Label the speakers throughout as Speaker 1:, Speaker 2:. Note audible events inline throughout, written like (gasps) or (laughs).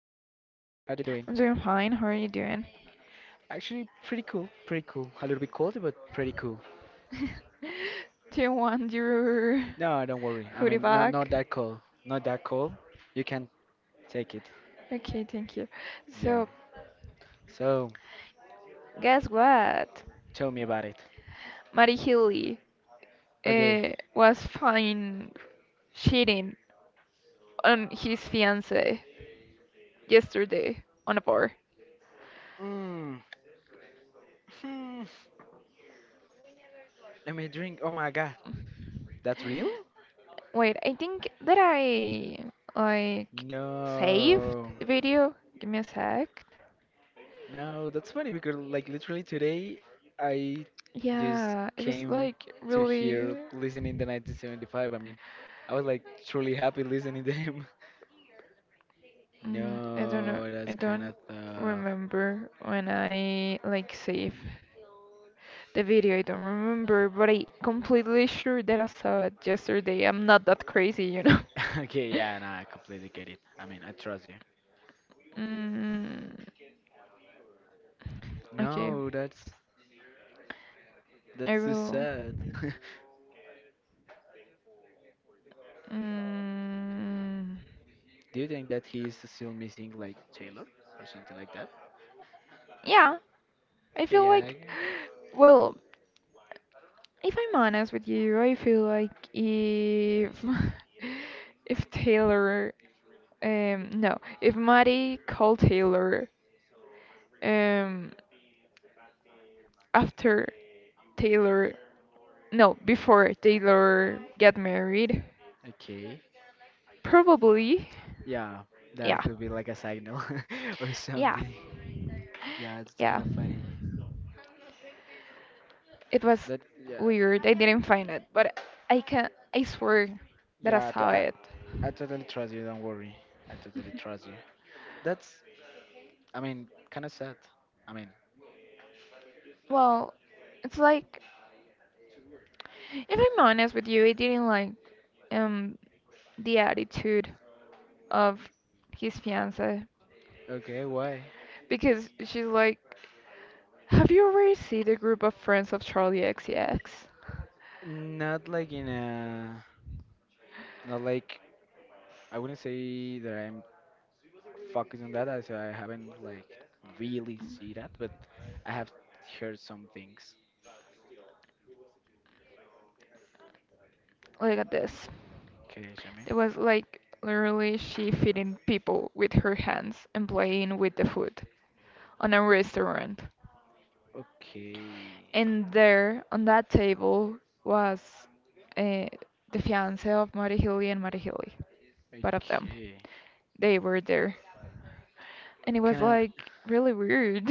Speaker 1: you doing?
Speaker 2: I'm doing fine. How are you doing?
Speaker 1: Actually, pretty cool, pretty cool. A little bit cold, but pretty cool.
Speaker 2: (laughs) Do you want your
Speaker 1: No, don't worry. I
Speaker 2: hoodie
Speaker 1: mean, not
Speaker 2: back?
Speaker 1: that cold, not that cold. You can take it.
Speaker 2: Okay, thank you.
Speaker 1: Yeah.
Speaker 2: So,
Speaker 1: So
Speaker 2: guess what?
Speaker 1: tell me about it.
Speaker 2: Mary Healy
Speaker 1: Okay.
Speaker 2: was fine cheating on his fiance yesterday on a bar.
Speaker 1: Mm. Hmm. Let me drink. Oh my God, that's real?
Speaker 2: Wait, I think that I like saved
Speaker 1: No.
Speaker 2: the video. Give me a sec.
Speaker 1: No, that's funny because like literally today I just
Speaker 2: Yeah, it was
Speaker 1: came
Speaker 2: like
Speaker 1: to here
Speaker 2: really.
Speaker 1: listening the 1975. I mean, I was like truly happy listening to him. (laughs)
Speaker 2: I don't know.
Speaker 1: No,
Speaker 2: I
Speaker 1: that's kind
Speaker 2: don't
Speaker 1: of tough.
Speaker 2: remember when I like save the video. I don't remember, but I completely sure that I saw it yesterday. I'm not that crazy,
Speaker 1: (laughs) Okay,
Speaker 2: (laughs)
Speaker 1: yeah, no, I completely get it. I mean, I trust you.
Speaker 2: Mm, okay,
Speaker 1: No, that's
Speaker 2: I
Speaker 1: that's too
Speaker 2: will.
Speaker 1: sad. (laughs)
Speaker 2: Mm,
Speaker 1: Do you think that he is still missing like Taylor or something like that?
Speaker 2: yeah, I
Speaker 1: Okay,
Speaker 2: feel
Speaker 1: yeah.
Speaker 2: like. Well, if I'm honest with you, I feel like if (laughs) if Taylor, no, if Maddie called Taylor, um, after Taylor, no, before Taylor get married,
Speaker 1: Okay.
Speaker 2: probably,
Speaker 1: Yeah,
Speaker 2: yeah,
Speaker 1: that could be like a signal (laughs) or
Speaker 2: yeah,
Speaker 1: something. Yeah, it's kind
Speaker 2: yeah.
Speaker 1: of funny.
Speaker 2: It was
Speaker 1: That Yeah,
Speaker 2: weird. I didn't find it, but I can, I swear that I
Speaker 1: yeah. t-
Speaker 2: saw
Speaker 1: I,
Speaker 2: it.
Speaker 1: I totally trust you. Don't worry. I totally trust you. That's I mean, kind of sad. I mean,
Speaker 2: Well, it's like if I'm honest with you, I didn't like um the attitude of his fiance
Speaker 1: okay, why?
Speaker 2: because she's like, "Have you ever seen the group of friends of Charlie X? C X?"
Speaker 1: Not like in a Not like, I wouldn't say that I'm focused on that, I as I haven't like really see that, but I have heard some things.
Speaker 2: Look at this.
Speaker 1: Okay, Shami.
Speaker 2: There was like literally she feeding people with her hands and playing with the food on a restaurant.
Speaker 1: Okay.
Speaker 2: And there on that table was uh, the fiance of Mary Healy and Mary both of them.
Speaker 1: Okay.
Speaker 2: They were there. And it was
Speaker 1: Can
Speaker 2: like really weird.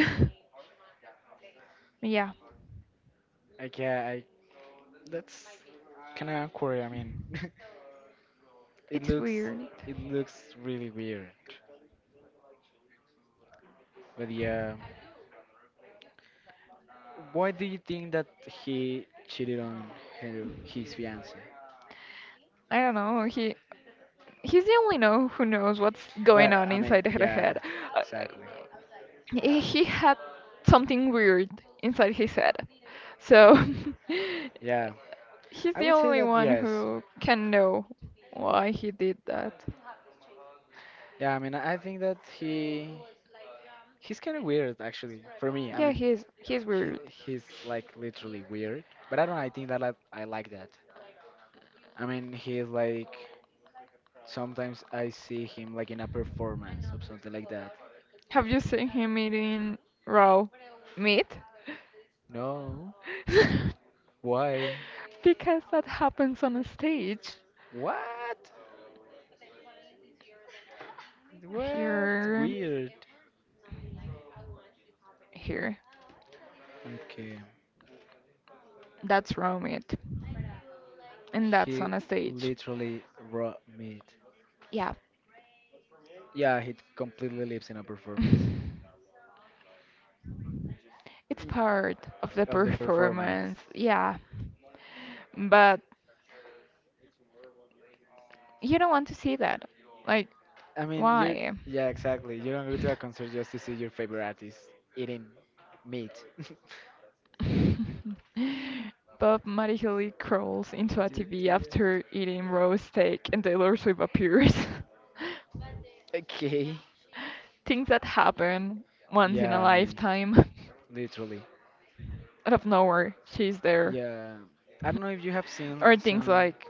Speaker 2: (laughs) yeah,
Speaker 1: I? Okay, I That's kind of awkward. I mean, (laughs) it
Speaker 2: it's
Speaker 1: looks
Speaker 2: weird.
Speaker 1: it looks really weird. But yeah, why do you think that he cheated on her his fiance?
Speaker 2: I don't know. He's the only know who knows what's going
Speaker 1: Well,
Speaker 2: on
Speaker 1: I mean,
Speaker 2: inside her
Speaker 1: yeah,
Speaker 2: head. Uh,
Speaker 1: exactly.
Speaker 2: he had something weird inside his head. So
Speaker 1: Yeah,
Speaker 2: (laughs) he's
Speaker 1: I
Speaker 2: the
Speaker 1: would say
Speaker 2: only
Speaker 1: that
Speaker 2: one
Speaker 1: yes.
Speaker 2: who can know why he did that.
Speaker 1: Yeah, I mean, I think that he's kind of weird actually for me. I
Speaker 2: Yeah,
Speaker 1: mean,
Speaker 2: he's
Speaker 1: he
Speaker 2: weird.
Speaker 1: he's like literally weird, but I don't know, I think that I like that. I mean, he's like, sometimes I see him like in a performance or something like that.
Speaker 2: Have you seen him eating raw meat? (laughs)
Speaker 1: No. Why?
Speaker 2: Because that happens on a stage.
Speaker 1: What? What?
Speaker 2: Here,
Speaker 1: Weird.
Speaker 2: here.
Speaker 1: Okay.
Speaker 2: That's raw meat, and that's
Speaker 1: He
Speaker 2: on a stage.
Speaker 1: literally raw meat.
Speaker 2: Yeah.
Speaker 1: Yeah, he completely lives in a performance.
Speaker 2: (laughs) It's
Speaker 1: Y-
Speaker 2: part of the
Speaker 1: Of the performance.
Speaker 2: performance. Yeah. But you don't want to see that. Like,
Speaker 1: I mean, you're.
Speaker 2: why?
Speaker 1: Yeah, exactly. You don't go to a concert just to see your favorite artist eating meat. (laughs)
Speaker 2: (laughs) Bob magically crawls into a TV after eating roast steak and Taylor Swift appears.
Speaker 1: Okay.
Speaker 2: (laughs) Things that happen once in a
Speaker 1: Yeah, I mean,
Speaker 2: lifetime.
Speaker 1: literally.
Speaker 2: (laughs) Out of nowhere, she's there.
Speaker 1: Yeah, I don't know if you have seen
Speaker 2: (laughs) Or things
Speaker 1: some.
Speaker 2: like,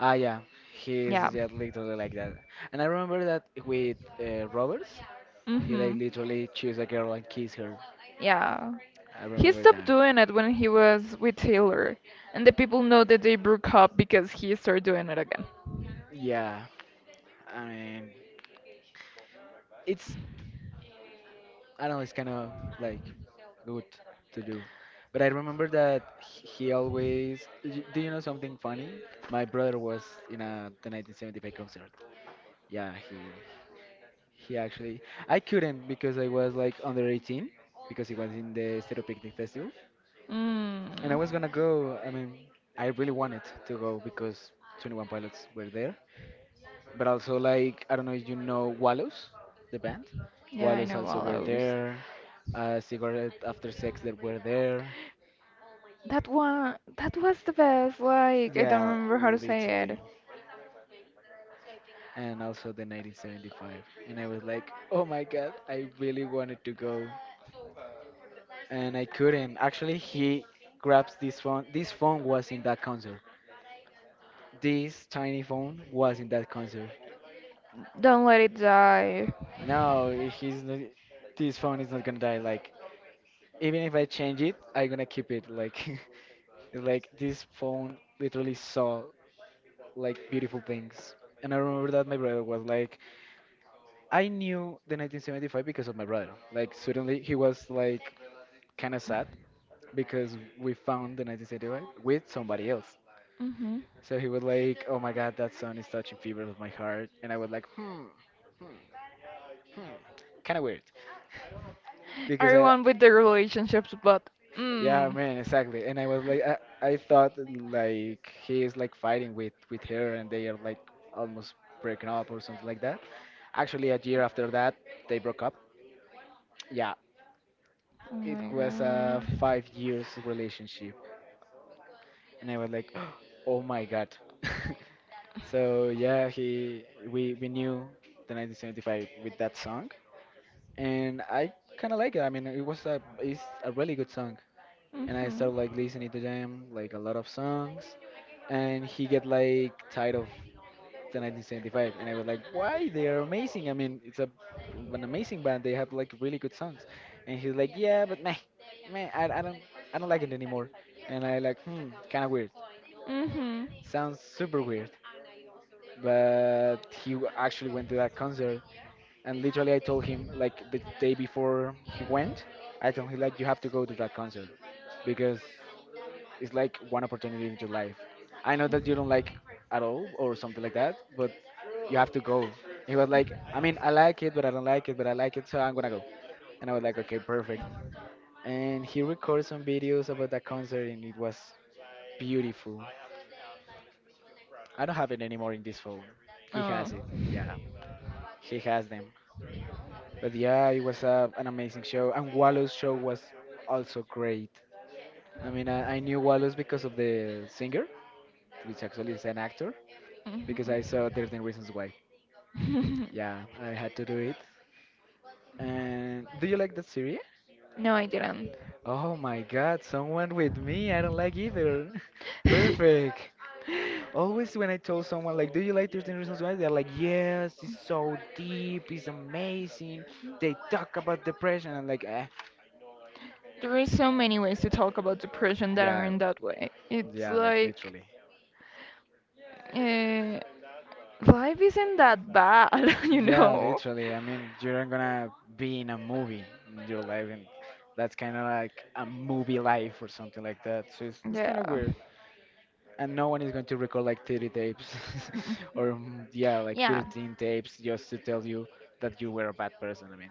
Speaker 1: Yeah, he's
Speaker 2: yeah.
Speaker 1: yeah literally like that. And I remember that with Roberts, he like
Speaker 2: Mm-hmm.
Speaker 1: literally choose a girl and kiss her.
Speaker 2: Yeah.
Speaker 1: I
Speaker 2: He
Speaker 1: remember
Speaker 2: stopped
Speaker 1: that.
Speaker 2: doing it when he was with Taylor, and the people know that they broke up because he started doing it again.
Speaker 1: Yeah, I mean, it's I don't know, it's kind of like good to do. But I remember that he always. Do you know something funny? My brother was in a the 1975 concert. Yeah, He actually, I couldn't because I was like under 18 because it was in the Stereo Picnic Festival, and
Speaker 2: Mm.
Speaker 1: I was gonna go. I mean, I really wanted to go because 21 Pilots were there, but also like I don't know if you know Wallows, the band.
Speaker 2: Yeah, I
Speaker 1: Wallows
Speaker 2: know
Speaker 1: also were
Speaker 2: Wallows.
Speaker 1: there. Cigarette After Sex that were there.
Speaker 2: That one, that was the best. Like, I don't
Speaker 1: Yeah,
Speaker 2: remember how to say it.
Speaker 1: literally. And also the 1975. And I was like, oh my God, I really wanted to go. And I couldn't. Actually, he grabs this phone. This phone was in that concert. This tiny phone was in that concert.
Speaker 2: Don't let it die.
Speaker 1: No, he's not, this phone is not gonna die. Like even if I change it, I'm gonna keep it. Like (laughs) like this phone literally saw like beautiful things. And I remember that my brother was like, I knew the 1975 because of my brother. Like suddenly he was like kind of sad because we found the 1975 with somebody else.
Speaker 2: Mm-hmm.
Speaker 1: So he would like, oh my God, that song is touching fibers of my heart, and I would like, hmm, hmm, hmm, kind of weird. Because
Speaker 2: Everyone with their relationships, but
Speaker 1: yeah,
Speaker 2: mm.
Speaker 1: man, exactly, and I was like, I thought like he is like fighting with her, and they are like almost breaking up or something like that. Actually, a year after that, they broke up. Yeah,
Speaker 2: Oh
Speaker 1: it
Speaker 2: my
Speaker 1: was a
Speaker 2: god.
Speaker 1: 5 years relationship, and I was like, (gasps) oh my God. (laughs) So yeah, he we knew the 1975 with that song and I kind of like it. I mean, it's a really good song, and I started
Speaker 2: Mhm.
Speaker 1: like listening to them like a lot of songs, and he get like tired of the 1975, and I was like, why? They are amazing. I mean, it's a an amazing band. They have like really good songs, and he's like, yeah, but meh, meh, I don't like it anymore, and I like hmm, kind of weird.
Speaker 2: Mhm.
Speaker 1: Sounds super weird, but he actually went to that concert and literally I told him like the day before he went, I told him like you have to go to that concert because it's like one opportunity in your life. I know that you don't like at all or something like that, but you have to go. He was like, I mean, I like it, but I don't like it, but I like it, so I'm gonna go. And I was like, okay, perfect. And he recorded some videos about that concert, and it was beautiful. I don't have it anymore in this phone. He
Speaker 2: Oh.
Speaker 1: has it. Yeah, he has them. But yeah, it was an amazing show, and Wallow's show was also great. I mean, I knew Wallow's because of the singer, which actually is an actor,
Speaker 2: Mhm.
Speaker 1: because I saw 13 Reasons Why. Yeah, I
Speaker 2: (laughs)
Speaker 1: had to do it. And do you like that series?
Speaker 2: No, I didn't.
Speaker 1: Oh my God, someone with me, I don't like either. (laughs) Perfect.
Speaker 2: (laughs)
Speaker 1: Always when I told someone like, "Do you like 13 Reasons Why?" They're like, "Yes, it's so deep, it's amazing. They talk about depression." I'm like, eh,
Speaker 2: There are so many ways to talk about depression that
Speaker 1: yeah,
Speaker 2: aren't that way. It's
Speaker 1: yeah, like
Speaker 2: like,
Speaker 1: literally.
Speaker 2: eh, life isn't that bad, (laughs) you
Speaker 1: Yeah,
Speaker 2: know?
Speaker 1: literally. I mean, you're not gonna be in a movie in your life, and that's kind of like a movie life or something like that. So it's kind of
Speaker 2: Yeah.
Speaker 1: weird. And no one is going to record like 30 tapes (laughs)
Speaker 2: Mm.
Speaker 1: or, yeah, like
Speaker 2: Yeah.
Speaker 1: 13 tapes just to tell you that you were a bad person. I mean,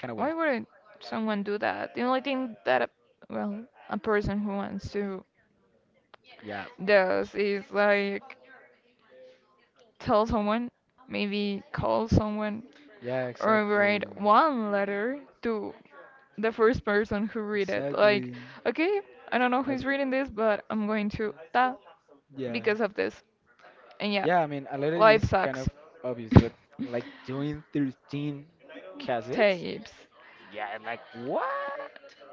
Speaker 1: kind of
Speaker 2: Why
Speaker 1: weird.
Speaker 2: would someone do that? The only thing that a, well, a person who wants to
Speaker 1: Yeah.
Speaker 2: does is like tell someone, maybe call someone,
Speaker 1: Yeah,
Speaker 2: or write
Speaker 1: exactly.
Speaker 2: one letter to the first person who read it. Like,
Speaker 1: Exactly.
Speaker 2: okay, I don't know
Speaker 1: I,
Speaker 2: who's reading this, but I'm going to that
Speaker 1: yeah.
Speaker 2: because of this. And yeah,
Speaker 1: Yeah, I mean, a lot of it
Speaker 2: life
Speaker 1: is kind
Speaker 2: sucks.
Speaker 1: of
Speaker 2: (laughs)
Speaker 1: obvious, but like doing 13 cassettes?
Speaker 2: Tapes.
Speaker 1: Yeah, like what?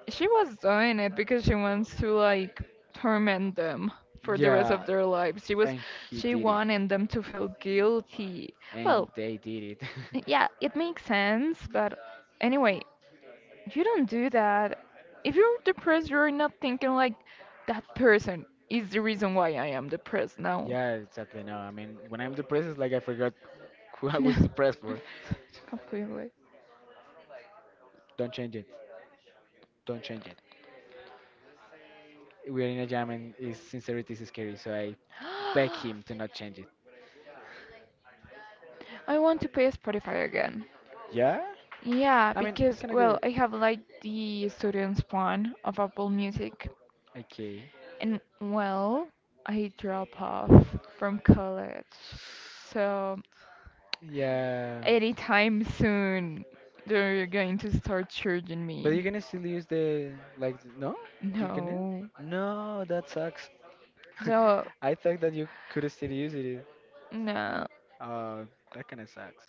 Speaker 2: She was doing it because she wants to like torment them for the rest
Speaker 1: Yeah,
Speaker 2: of their lives. She was
Speaker 1: and he
Speaker 2: she
Speaker 1: did it.
Speaker 2: wanted them to feel guilty.
Speaker 1: And
Speaker 2: Well,
Speaker 1: they did it. (laughs)
Speaker 2: yeah, it makes sense, but anyway, you don't do that. If you're depressed, you're not thinking like that person is the reason why I am depressed now.
Speaker 1: Yeah, exactly. No, I mean, when I'm depressed, it's like I forgot (laughs) who I was depressed
Speaker 2: (laughs)
Speaker 1: for.
Speaker 2: Completely.
Speaker 1: Don't change it. Don't change it. We're in a jam and his sincerity is scary, so I beg him to not
Speaker 2: (gasps)
Speaker 1: change it.
Speaker 2: I want to pay Spotify again.
Speaker 1: Yeah?
Speaker 2: Yeah,
Speaker 1: I mean, it's
Speaker 2: because,
Speaker 1: kind of
Speaker 2: well,
Speaker 1: good.
Speaker 2: I have like the student's plan of Apple Music,
Speaker 1: Okay.
Speaker 2: and well, I drop off from college. So,
Speaker 1: Yeah.
Speaker 2: anytime soon, they're going to start charging
Speaker 1: But you
Speaker 2: me.
Speaker 1: can still use the, like, no? You can
Speaker 2: No.
Speaker 1: No, that sucks.
Speaker 2: So,
Speaker 1: (laughs) I thought that you could still use it.
Speaker 2: no.
Speaker 1: Uh, that kind of sucks.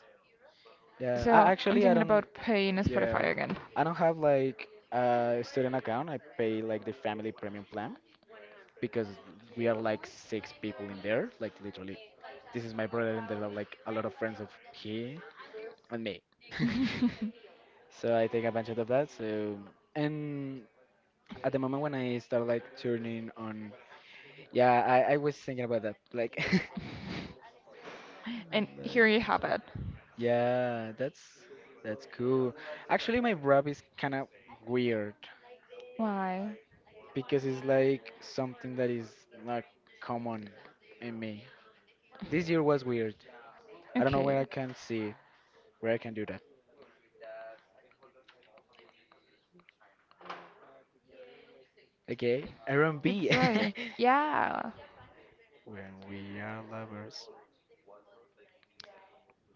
Speaker 1: Yeah, I
Speaker 2: So, I'm
Speaker 1: actually I
Speaker 2: thinking
Speaker 1: don't
Speaker 2: about paying Spotify
Speaker 1: yeah,
Speaker 2: again.
Speaker 1: I don't have like a student account. I pay like the family premium plan because we are like six people in there, like literally. This is my brother and there are like a lot of friends of he and me. (laughs)
Speaker 2: (laughs)
Speaker 1: So I take advantage of that. And at the moment when I start like turning on, yeah, I was thinking about that. Like, (laughs) Like,
Speaker 2: And here you have it.
Speaker 1: yeah, that's cool. Actually, my rap is kind of weird
Speaker 2: Why?
Speaker 1: because it's like something that is not common in me. This year was weird. I don't know where
Speaker 2: Okay.
Speaker 1: I can see it, where I can do that. Okay, R&B.
Speaker 2: It's like,
Speaker 1: (laughs)
Speaker 2: yeah.
Speaker 1: When we are lovers.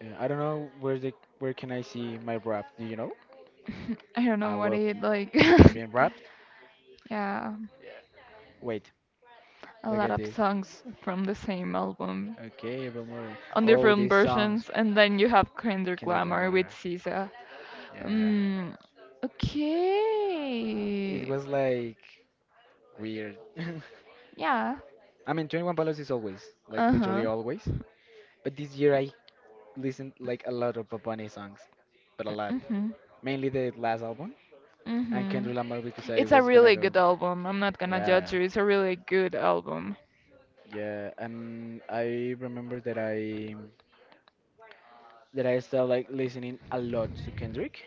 Speaker 1: Yeah, I don't know where can I see my rap. Do you know?
Speaker 2: (laughs) I don't
Speaker 1: I
Speaker 2: know what
Speaker 1: will
Speaker 2: it like.
Speaker 1: maybe in rap.
Speaker 2: (laughs) Yeah,
Speaker 1: Yeah. Wait,
Speaker 2: a
Speaker 1: look
Speaker 2: lot
Speaker 1: at
Speaker 2: of
Speaker 1: this.
Speaker 2: songs from the same album
Speaker 1: Okay, Bill Murray.
Speaker 2: on
Speaker 1: Oh,
Speaker 2: different
Speaker 1: these songs.
Speaker 2: versions, and then you have Kinder
Speaker 1: Kendrick
Speaker 2: Glamour
Speaker 1: Lamar.
Speaker 2: with SZA.
Speaker 1: Yeah.
Speaker 2: Mm,
Speaker 1: It
Speaker 2: okay.
Speaker 1: was like weird. (laughs)
Speaker 2: Yeah.
Speaker 1: I mean, 21 Pilots is always, like
Speaker 2: Uh
Speaker 1: literally
Speaker 2: huh.
Speaker 1: always. But this year I listened like a lot of Bad Bunny songs, but a lot.
Speaker 2: Mhm.
Speaker 1: Mainly the last album and
Speaker 2: Mhm.
Speaker 1: Kendrick Lamar because I
Speaker 2: It's a
Speaker 1: was gonna
Speaker 2: really
Speaker 1: really
Speaker 2: good
Speaker 1: go.
Speaker 2: album. I'm not gonna
Speaker 1: Yeah,
Speaker 2: judge you. It's a really good album.
Speaker 1: yeah. And I remember that I started like listening a lot to Kendrick,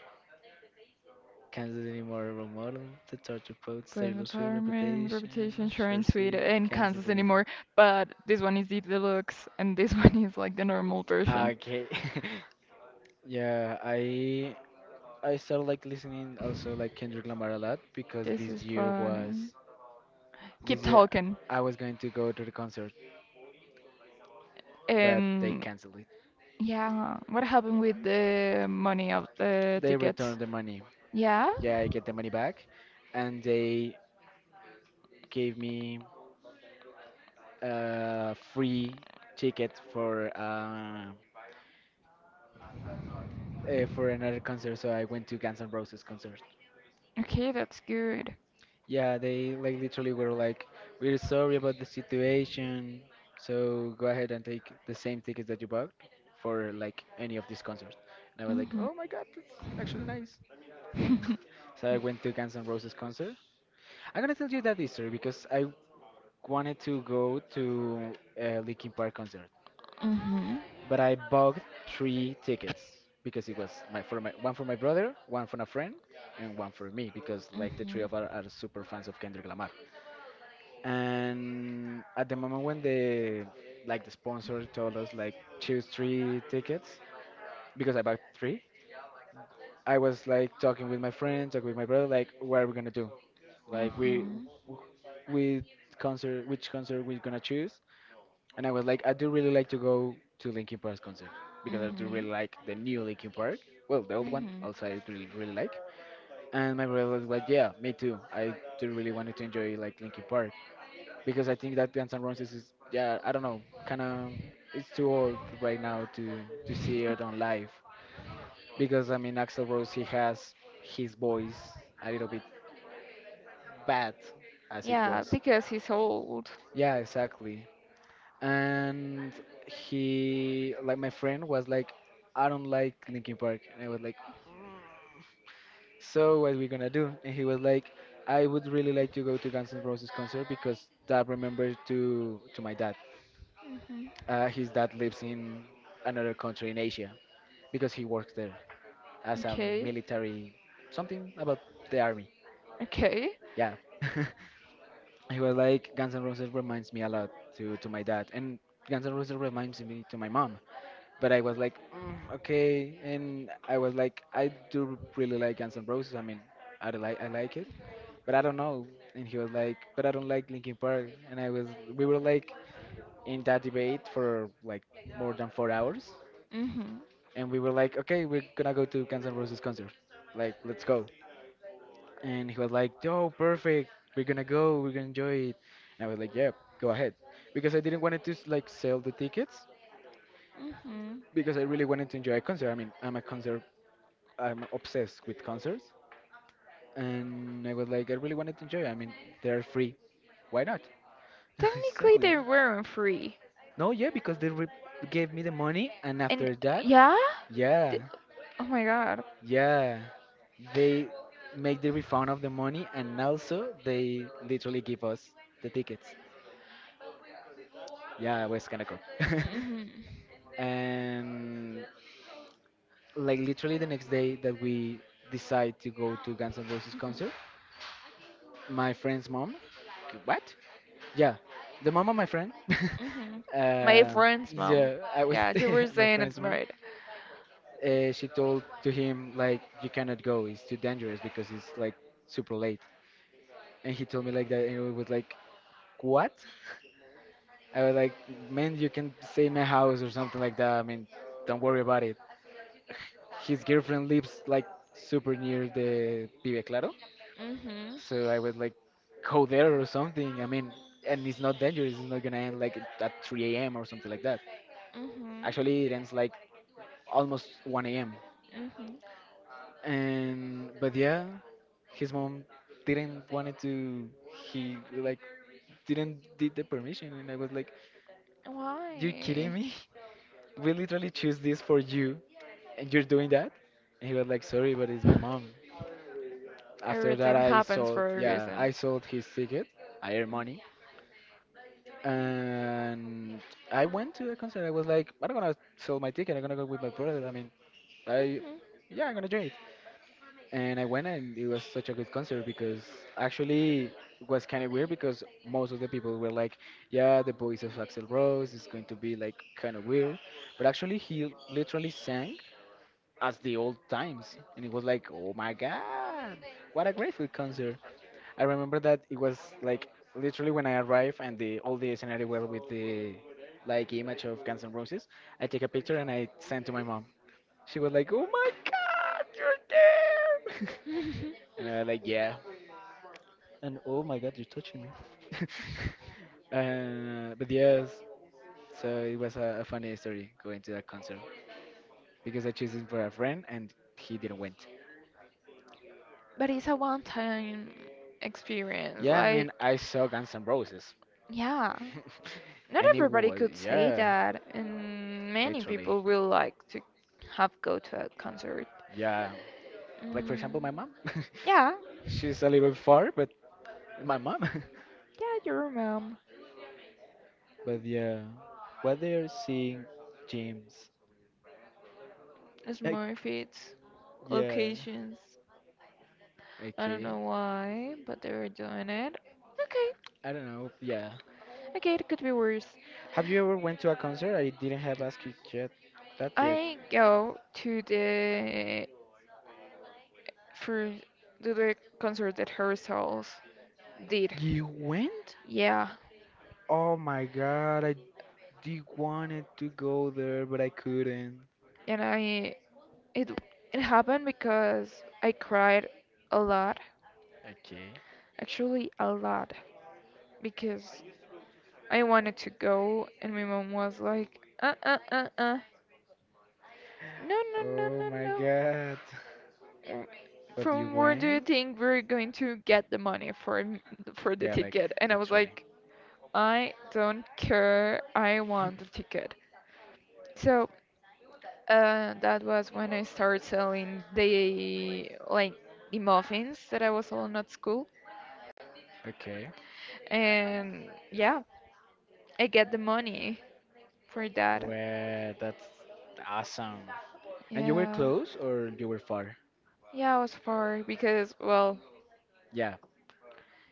Speaker 1: Kansas anymore, role model, the torture quotes,
Speaker 2: Brand
Speaker 1: Taylor Swift
Speaker 2: apartment,
Speaker 1: reputation,
Speaker 2: reputation,
Speaker 1: sure
Speaker 2: insurance suite
Speaker 1: sweet,
Speaker 2: in
Speaker 1: Kansas
Speaker 2: Kansas
Speaker 1: anymore.
Speaker 2: anymore, but this one is the deluxe and this (laughs) one is like the normal version.
Speaker 1: Okay. (laughs) Yeah, I started like listening also like Kendrick Lamar a lot because
Speaker 2: This is funny. Keep
Speaker 1: this year
Speaker 2: talking.
Speaker 1: I was going to go to the concert, but they
Speaker 2: And
Speaker 1: canceled it.
Speaker 2: yeah, what happened with the money of the
Speaker 1: They
Speaker 2: tickets?
Speaker 1: returned the money.
Speaker 2: Yeah?
Speaker 1: Yeah, I get the money back, and they gave me free ticket for another concert, so I went to Guns N' Roses concert.
Speaker 2: Okay, that's good.
Speaker 1: Yeah, they like literally were like, "We're sorry about the situation, so go ahead and take the same tickets that you bought for like any of these concerts." And I was like,
Speaker 2: Mm-hmm.
Speaker 1: "Oh my God, that's actually nice."
Speaker 2: (laughs)
Speaker 1: So I went to Guns N' Roses concert. I'm gonna tell you that history because I wanted to go to a Linkin Park concert.
Speaker 2: Mm-hmm.
Speaker 1: But I bought three tickets because it was my for my one for my brother, one for a friend, and one for me because like the three of us are super fans of Kendrick
Speaker 2: Mm-hmm.
Speaker 1: Lamar. And at the moment when the sponsor told us, like, choose three tickets because I bought three, I was, like, talking with my friend, talking with my brother, like, what are we gonna do? Like, we which concert we're gonna choose? And I was like, I do really like to go to Linkin Park's concert because I do really like the new Linkin Park. Well, the old one
Speaker 2: Mhm.
Speaker 1: also I really really like. And my brother was like, yeah, me too. I do really wanted to enjoy, like, Linkin Park because I think that Guns N' Roses is, yeah, I don't know, kind of it's too old right now to see it on live because, I mean, Axl Rose, he has his voice a little bit bad as it
Speaker 2: Yeah,
Speaker 1: was.
Speaker 2: because he's old.
Speaker 1: Yeah, exactly. and he like my friend was like, "I don't like Linkin Park," and I was like, "So what we gonna do?" And he was like, "I would really like to go to Guns N' Roses concert because that remembers to my dad."
Speaker 2: Mhm.
Speaker 1: His dad lives in another country in Asia because he works there as a
Speaker 2: Okay.
Speaker 1: military, something about the army.
Speaker 2: Okay.
Speaker 1: Yeah. (laughs) He was like, "Guns N' Roses reminds me a lot to my dad, and Guns N' Roses reminds me to my mom." But I was like, "Okay," and I was like, "I do really like Guns N' Roses. I mean, I like it, but I don't know." And he was like, "But I don't like Linkin Park." And we were like in that debate for like more than 4 hours,
Speaker 2: Mhm.
Speaker 1: and we were like, "Okay, we're gonna go to Guns N' Roses concert, like let's go." And he was like, "Oh, perfect, we're gonna go, we're gonna enjoy it." And I was like, "Yeah, go ahead," because I didn't want it to sell the tickets
Speaker 2: Mhm.
Speaker 1: because I really wanted to enjoy a concert. I mean, I'm obsessed with concerts, and I was like, I really wanted to enjoy. I mean, they're free. Why not? (laughs)
Speaker 2: Technically,
Speaker 1: Exactly.
Speaker 2: they weren't free.
Speaker 1: No, yeah, because they gave me the money, and
Speaker 2: And
Speaker 1: after that,
Speaker 2: yeah?
Speaker 1: yeah,
Speaker 2: Th- oh my god.
Speaker 1: yeah, they make the refund of the money, and also they literally give us the tickets. Yeah, it was kind of cool.
Speaker 2: Mhm.
Speaker 1: (laughs) And like literally the next day that we decide to go to Guns N' Roses
Speaker 2: Mhm.
Speaker 1: concert, my friend's mom, "What? Yeah, the mom of my friend." (laughs)
Speaker 2: Mhm. My
Speaker 1: uh,
Speaker 2: friend's mom.
Speaker 1: yeah, I was
Speaker 2: Yeah, you were
Speaker 1: (laughs) my
Speaker 2: saying it's
Speaker 1: friend's mom.
Speaker 2: right.
Speaker 1: She told to him like, "You cannot go. It's too dangerous because it's like super late." And he told me like that, and it was like, "What?" I was like, "Man, you can stay in my house or something like that. I mean, don't worry about it." His girlfriend lives like super near the Vive Claro,
Speaker 2: Mhm.
Speaker 1: so I was like, "Go there or something." I mean, and it's not dangerous. It's not gonna end like at 3 a.m. or something like that.
Speaker 2: Mhm.
Speaker 1: Actually, it ends like almost 1 a.m.
Speaker 2: Mhm.
Speaker 1: And but yeah, his mom didn't want it to. He like didn't did the permission, and I was like, "You
Speaker 2: Why?
Speaker 1: kidding me? (laughs) We literally choose this for you, and you're doing that?" And he was like, "Sorry, but it's my mom." After that,
Speaker 2: Everything
Speaker 1: I
Speaker 2: happens
Speaker 1: sold.
Speaker 2: for a
Speaker 1: Yeah, I
Speaker 2: reason.
Speaker 1: sold his ticket. I earned money, and I went to the concert. I was like, "I'm not gonna sell my ticket. I'm gonna go with my brother. I mean, I
Speaker 2: Mhm.
Speaker 1: yeah, I'm gonna do," and I went, and it was such a good concert because actually it was kind of weird because most of the people were like, "Yeah, the voice of Axel Rose is going to be like kind of weird," but actually he literally sang as the old times, and it was like, "Oh my god, what a grateful concert!" I remember that it was like literally when I arrived and the all the scenario were with the, like, image of Guns N' Roses. I take a picture and I sent to my mom. She was like, "Oh my god, you're there." (laughs) And I was like, "Yeah." (laughs) But yes, so it was a funny story going to that concert because I chose him for a friend and he didn't went.
Speaker 2: But it's a one-time experience.
Speaker 1: Yeah, I
Speaker 2: Like,
Speaker 1: mean, I saw Guns N' Roses.
Speaker 2: yeah.
Speaker 1: (laughs)
Speaker 2: Not
Speaker 1: And it
Speaker 2: everybody
Speaker 1: was,
Speaker 2: could say
Speaker 1: yeah,
Speaker 2: that, and many
Speaker 1: literally.
Speaker 2: people will like to have go to a concert.
Speaker 1: Yeah. Like, for
Speaker 2: Mm,
Speaker 1: example, my mom.
Speaker 2: yeah,
Speaker 1: (laughs) She's a little far, but my mom.
Speaker 2: yeah, your mom.
Speaker 1: (laughs) But yeah, what they're seeing, James. Like,
Speaker 2: Smart fits,
Speaker 1: yeah.
Speaker 2: locations. I don't know
Speaker 1: Okay.
Speaker 2: why, but they were doing it. Okay,
Speaker 1: I don't know. Yeah.
Speaker 2: okay, it could be worse.
Speaker 1: Have you ever went to a concert? I didn't have asked you yet that yet.
Speaker 2: I go to the for to the concert that Harry Styles did.
Speaker 1: You went?
Speaker 2: Yeah,
Speaker 1: Oh my god, I did wanted to go there, but I couldn't.
Speaker 2: and I it it happened because I cried a lot,
Speaker 1: Okay.
Speaker 2: actually a lot, because I wanted to go and my mom was like, no no no
Speaker 1: Oh
Speaker 2: no
Speaker 1: my
Speaker 2: no,
Speaker 1: god. (laughs)
Speaker 2: w-
Speaker 1: But you
Speaker 2: from where do you
Speaker 1: went?
Speaker 2: think we're going to get the money for m- for the
Speaker 1: Yeah, like
Speaker 2: ticket? And I was
Speaker 1: literally.
Speaker 2: like, I don't care. I want the
Speaker 1: (laughs)
Speaker 2: ticket. So that was when I started selling the like the muffins that I was selling at school,
Speaker 1: Okay.
Speaker 2: and yeah, I get the money for that.
Speaker 1: Well, that's awesome. And you were
Speaker 2: Yeah,
Speaker 1: close or you were far?
Speaker 2: yeah, it was far because well,
Speaker 1: Yeah,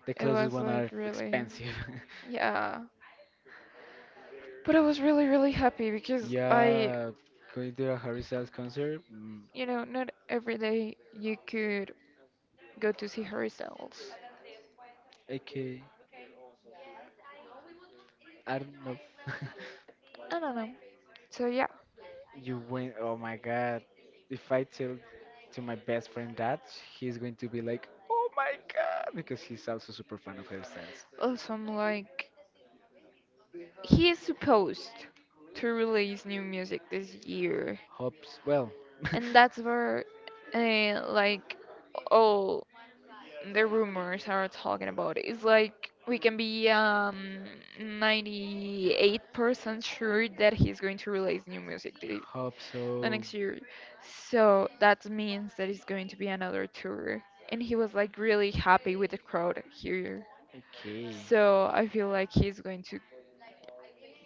Speaker 1: the
Speaker 2: it
Speaker 1: closest
Speaker 2: was
Speaker 1: one are
Speaker 2: like really,
Speaker 1: expensive. (laughs)
Speaker 2: yeah. But I was really, really happy because I
Speaker 1: Yeah, going to a Harry Styles concert. Mm,
Speaker 2: you know, not every day you could go to see her results.
Speaker 1: okay, I don't know. (laughs)
Speaker 2: I don't know. So yeah.
Speaker 1: You went. Oh my God! If I tell to my best friend that, he's going to be like, "Oh my God!" Because he's also super fan of Harry Styles.
Speaker 2: Also, I'm like, he is supposed to release new music this year,
Speaker 1: Hopes. Well, (laughs)
Speaker 2: and that's where, like, all the rumors are talking about. It's like we can be 98% sure that he's going to release new music thi-
Speaker 1: hope
Speaker 2: the
Speaker 1: so.
Speaker 2: next year. So that means that it's going to be another tour. And he was like really happy with the crowd here.
Speaker 1: Okay.
Speaker 2: So I feel like he's going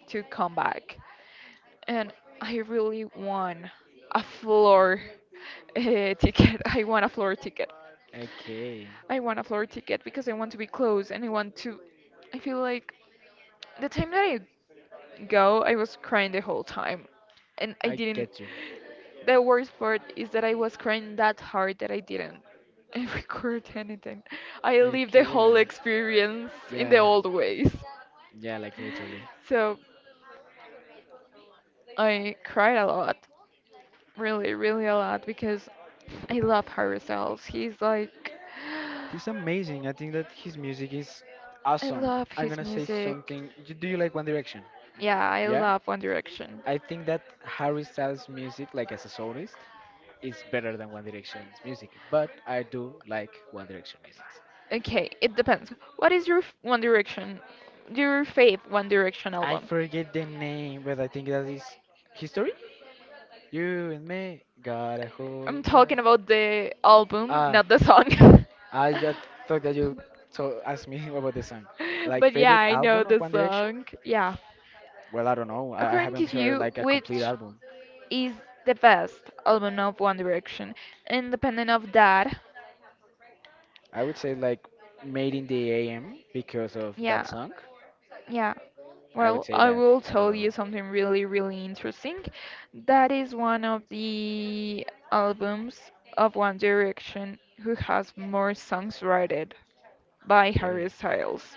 Speaker 2: to come back. And I really want a floor (laughs) ticket. I want a floor ticket.
Speaker 1: Okay.
Speaker 2: I want a floor ticket because I want to be close and I want to I feel like the time that I go, I was crying the whole time. And I
Speaker 1: I
Speaker 2: didn't.
Speaker 1: get you.
Speaker 2: The worst part is that I was crying that hard that I didn't (laughs) record anything. I lived the whole
Speaker 1: Okay.
Speaker 2: experience in the
Speaker 1: Yeah.
Speaker 2: old ways.
Speaker 1: Yeah, like literally.
Speaker 2: So I cried a lot, really, really a lot, because I love Harry Styles. He's like,
Speaker 1: He's amazing. I think that his music is
Speaker 2: (sighs) I
Speaker 1: awesome.
Speaker 2: love
Speaker 1: I'm
Speaker 2: his
Speaker 1: gonna say
Speaker 2: music.
Speaker 1: something. Do you like One Direction?
Speaker 2: Yeah, I
Speaker 1: Yeah.
Speaker 2: love One Direction.
Speaker 1: I think that Harry Styles' music, like as a soloist, is better than One Direction's music. But I do like One Direction music.
Speaker 2: Okay, it depends. What is your f- One Direction, your fave One Direction
Speaker 1: I
Speaker 2: album?
Speaker 1: forget the name, but I think that is History? You and me got a whole
Speaker 2: I'm
Speaker 1: lot.
Speaker 2: talking about the album,
Speaker 1: Ah.
Speaker 2: not the song. (laughs)
Speaker 1: I just thought that you so asked me (laughs) about the song. Like
Speaker 2: But yeah,
Speaker 1: favorite
Speaker 2: I know
Speaker 1: album of
Speaker 2: the
Speaker 1: One Direction?
Speaker 2: song. Yeah.
Speaker 1: Well, I don't know. I
Speaker 2: According
Speaker 1: haven't
Speaker 2: to
Speaker 1: heard
Speaker 2: you,
Speaker 1: like a complete
Speaker 2: which
Speaker 1: album.
Speaker 2: is the best album of One Direction? Independent of that,
Speaker 1: I would say like Made in the AM because of that
Speaker 2: yeah.
Speaker 1: song.
Speaker 2: Yeah.
Speaker 1: I would
Speaker 2: Well,
Speaker 1: say
Speaker 2: I
Speaker 1: that.
Speaker 2: will
Speaker 1: I don't
Speaker 2: tell
Speaker 1: know.
Speaker 2: you something really, really interesting. That is one of the albums of One Direction who has more songs written by Harry
Speaker 1: Okay.
Speaker 2: Styles.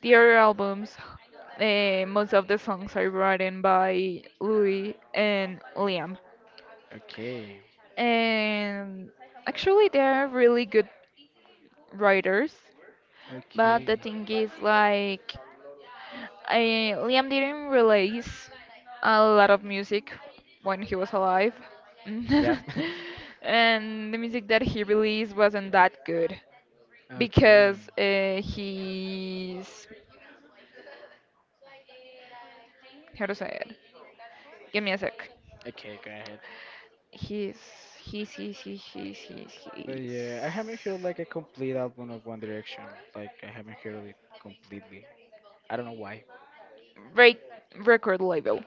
Speaker 2: The other albums, eh, most of the songs are written by Louis and Liam.
Speaker 1: Okay.
Speaker 2: And actually, they are really good writers. But the
Speaker 1: Okay.
Speaker 2: thing is, like, I, Liam didn't release a lot of music when he was alive.
Speaker 1: Yep.
Speaker 2: (laughs) And the music that he released wasn't that good
Speaker 1: (laughs)
Speaker 2: because
Speaker 1: Okay.
Speaker 2: he's how to say it. Give me a sec.
Speaker 1: Okay, go ahead.
Speaker 2: He's he's he's he's he's he's,
Speaker 1: But
Speaker 2: he's
Speaker 1: yeah, I haven't heard like a complete album of One Direction. Like I haven't heard it completely. I don't know why.
Speaker 2: break record label.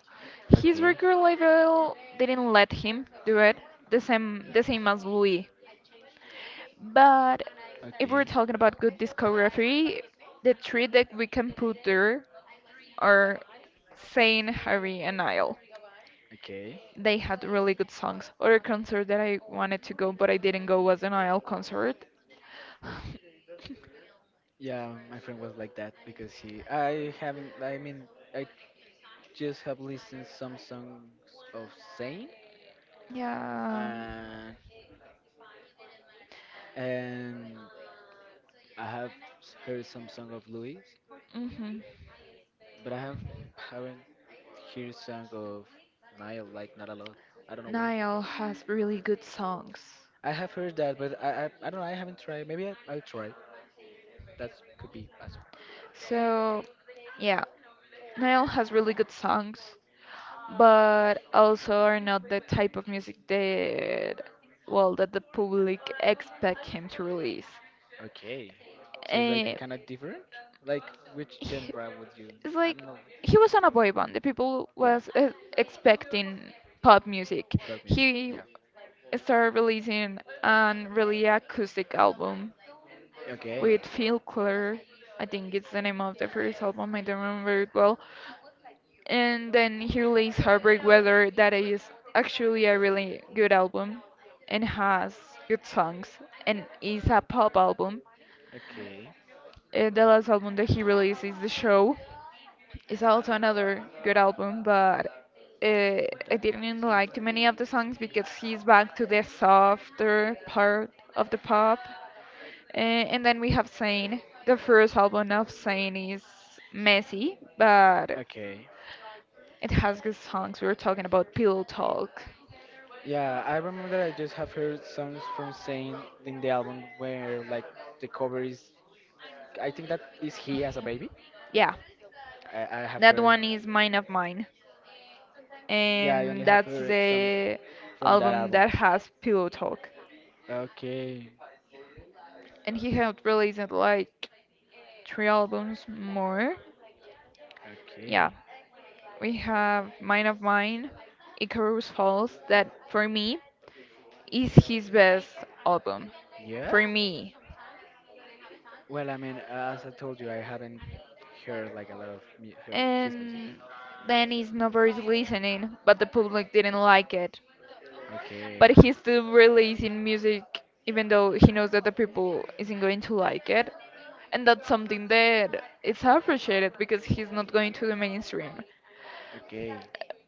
Speaker 2: His
Speaker 1: Okay,
Speaker 2: record label didn't let him do it the same as Louis. But if
Speaker 1: okay,
Speaker 2: we're talking about good discography, the three that we can put there are Zayn, Harry, and Niall.
Speaker 1: okay.
Speaker 2: They had really good songs. Other concert that I wanted to go but I didn't go was a Niall concert. (sighs)
Speaker 1: Yeah, my friend was like that because he. I haven't. I mean, I just have listened some songs of Zayn
Speaker 2: Yeah.
Speaker 1: and and I have heard some song of Louis,
Speaker 2: Hmm.
Speaker 1: but I haven't heard song of Niall like not a lot. I don't know why.
Speaker 2: Niall has really good songs.
Speaker 1: I have heard that, but I don't know. I haven't tried. Maybe I'll try. That could be possible.
Speaker 2: So, yeah, Niall has really good songs, but also are not the type of music that well that the public expect him to release.
Speaker 1: Okay. So it's like
Speaker 2: Eh,
Speaker 1: kind of different? Like which
Speaker 2: he-
Speaker 1: genre would you?
Speaker 2: it's
Speaker 1: I
Speaker 2: like
Speaker 1: don't know.
Speaker 2: he was on a boy band. The people
Speaker 1: Yeah,
Speaker 2: was expecting pop music.
Speaker 1: pop music.
Speaker 2: He
Speaker 1: Yeah.
Speaker 2: started releasing an really acoustic album
Speaker 1: Okay.
Speaker 2: with Phil Color. I think it's the name of the first album. I don't remember it well. And then he released Heartbreak Weather, that is actually a really good album and has good songs and is a pop album.
Speaker 1: Okay.
Speaker 2: And the last album that he released is The Show. It's also another good album, but uh, I
Speaker 1: That.
Speaker 2: didn't like too many of the songs because he's
Speaker 1: Yeah.
Speaker 2: back to the softer part of the pop. Uh, and then we have Sane. The first album of Sane is messy, but
Speaker 1: Okay.
Speaker 2: it has good songs. We were talking about Pillow Talk.
Speaker 1: Yeah, I remember I just have heard songs from Zayn in the album where like the cover is. I think that is he as a baby.
Speaker 2: Yeah,
Speaker 1: I have
Speaker 2: that
Speaker 1: heard.
Speaker 2: one is Mine of Mine.
Speaker 1: Yeah, I only
Speaker 2: And
Speaker 1: have
Speaker 2: that's
Speaker 1: heard songs
Speaker 2: the
Speaker 1: from that
Speaker 2: album
Speaker 1: album.
Speaker 2: that has Pillow Talk.
Speaker 1: Okay.
Speaker 2: And he had released like three albums more.
Speaker 1: Okay.
Speaker 2: Yeah, we have Mine of Mine, Icarus Falls, that for me is his best album.
Speaker 1: Yeah?
Speaker 2: For me.
Speaker 1: Well, I mean, as I told you, I haven't heard like a lot of mu her, his music.
Speaker 2: And then it's nobody's listening, but the public didn't like it.
Speaker 1: Okay.
Speaker 2: But he's still releasing music even though he knows that the people isn't going to like it, and that's something that it's appreciated because he's not going to the mainstream,
Speaker 1: Okay.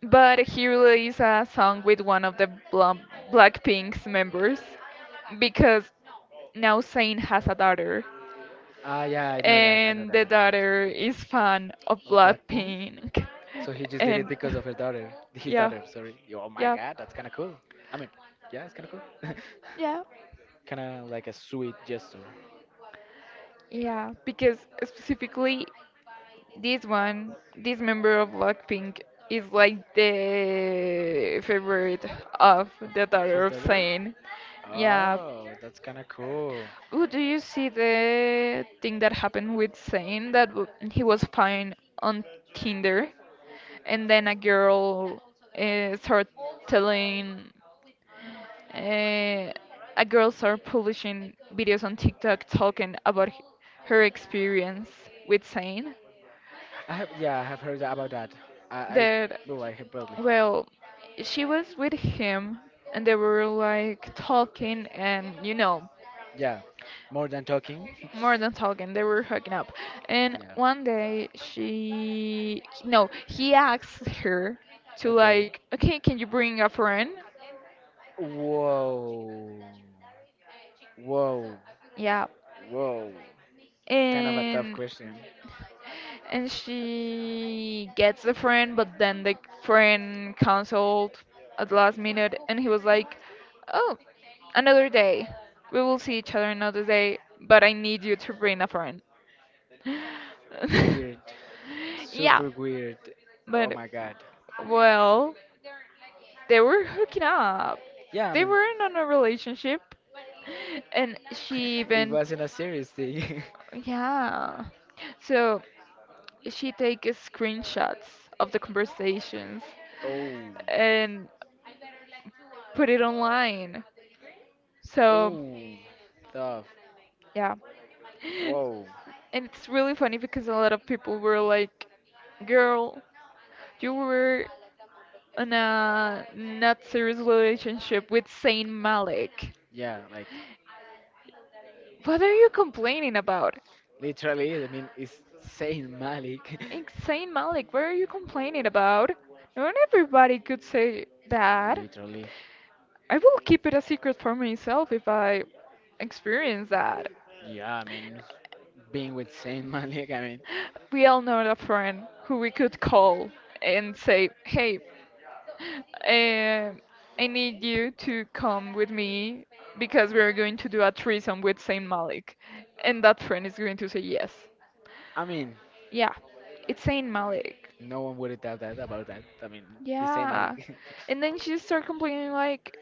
Speaker 2: but he released a song with one of the Bla- blackpink's members because now Zayn has a daughter,
Speaker 1: Ah, yeah, I know that. I know
Speaker 2: and
Speaker 1: that.
Speaker 2: the
Speaker 1: I know that.
Speaker 2: daughter is fan of
Speaker 1: Blackpink?
Speaker 2: Blackpink,
Speaker 1: So he just did it
Speaker 2: and
Speaker 1: because of her daughter. His
Speaker 2: yeah
Speaker 1: daughter, sorry. Yo, oh my
Speaker 2: yeah
Speaker 1: god, that's kind of cool. I mean, yeah, it's kind of cool.
Speaker 2: yeah
Speaker 1: (laughs) Kind of like a sweet gesture
Speaker 2: yeah because specifically this one, this member of Blackpink is like the favorite of the
Speaker 1: of
Speaker 2: daughter
Speaker 1: his
Speaker 2: of
Speaker 1: daughter.
Speaker 2: Zayn. Yeah.
Speaker 1: Oh, that's kind of cool.
Speaker 2: Oh, do you see the thing that happened with Zayn that w- he was fine on Tinder and then a girl started telling uh, a girl started publishing videos on TikTok talking about h- her experience with Zayn
Speaker 1: I have, yeah, I have heard about that. I
Speaker 2: that
Speaker 1: no, I have probably.
Speaker 2: well, she was with him and they were like talking and you know,
Speaker 1: Yeah, more than talking.
Speaker 2: more
Speaker 1: (laughs)
Speaker 2: than talking, they were hooking up. And
Speaker 1: Yeah.
Speaker 2: one day she no, he asked her to
Speaker 1: Okay.
Speaker 2: like, "Okay, can you bring a friend?"
Speaker 1: Whoa. Whoa.
Speaker 2: Yeah.
Speaker 1: Whoa. Kind of a tough
Speaker 2: And
Speaker 1: question.
Speaker 2: and she gets a friend but then the friend canceled at the last minute and he was like oh another day we will see each other another day but I need you to bring a friend. (laughs)
Speaker 1: Weird.
Speaker 2: Yeah,
Speaker 1: Super weird. Oh
Speaker 2: but
Speaker 1: my god.
Speaker 2: well, they were hooking up,
Speaker 1: Yeah, I
Speaker 2: they
Speaker 1: mean,
Speaker 2: weren't on a relationship, and she
Speaker 1: (laughs) it
Speaker 2: even
Speaker 1: wasn't a serious thing.
Speaker 2: yeah, so she takes screenshots of the conversations
Speaker 1: (laughs) Oh.
Speaker 2: and put it online. So
Speaker 1: Ooh, tough.
Speaker 2: yeah, (laughs)
Speaker 1: Whoa.
Speaker 2: and it's really funny because a lot of people were like, "Girl, you were in a not serious relationship with Saint Malik.
Speaker 1: Yeah, like
Speaker 2: What are you complaining about?"
Speaker 1: literally. I mean, it's Saint Malik. (laughs)
Speaker 2: "It's Saint Malik, what are you complaining about? Not everybody could say that.
Speaker 1: Literally.
Speaker 2: I will keep it a secret for myself if I experience that.
Speaker 1: Yeah, I mean, it's being with Saint Malik. I mean,
Speaker 2: We all know a friend who we could call and say, 'Hey, uh, I need you to come with me because we're going to do a threesome with Saint Malik,' and that friend is going to say yes.
Speaker 1: I mean,
Speaker 2: Yeah, it's Saint Malik."
Speaker 1: no one would doubt that about that. I mean, he's Saint
Speaker 2: Yeah,
Speaker 1: Malik.
Speaker 2: and then she started complaining like,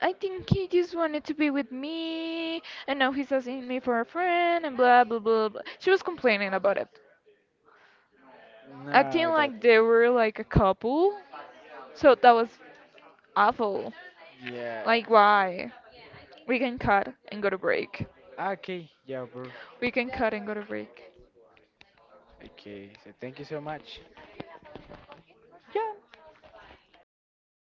Speaker 2: I think he just wanted to be with me, and now he's asking me for a friend, and blah blah blah blah. She was complaining about it,
Speaker 1: (laughs)
Speaker 2: acting
Speaker 1: No, that.
Speaker 2: like they were like a couple. So that was awful.
Speaker 1: Yeah.
Speaker 2: Like, why? We can cut and go to break.
Speaker 1: Okay, yeah, bro.
Speaker 2: We can cut and go to break.
Speaker 1: Okay, so thank you so much. Yeah.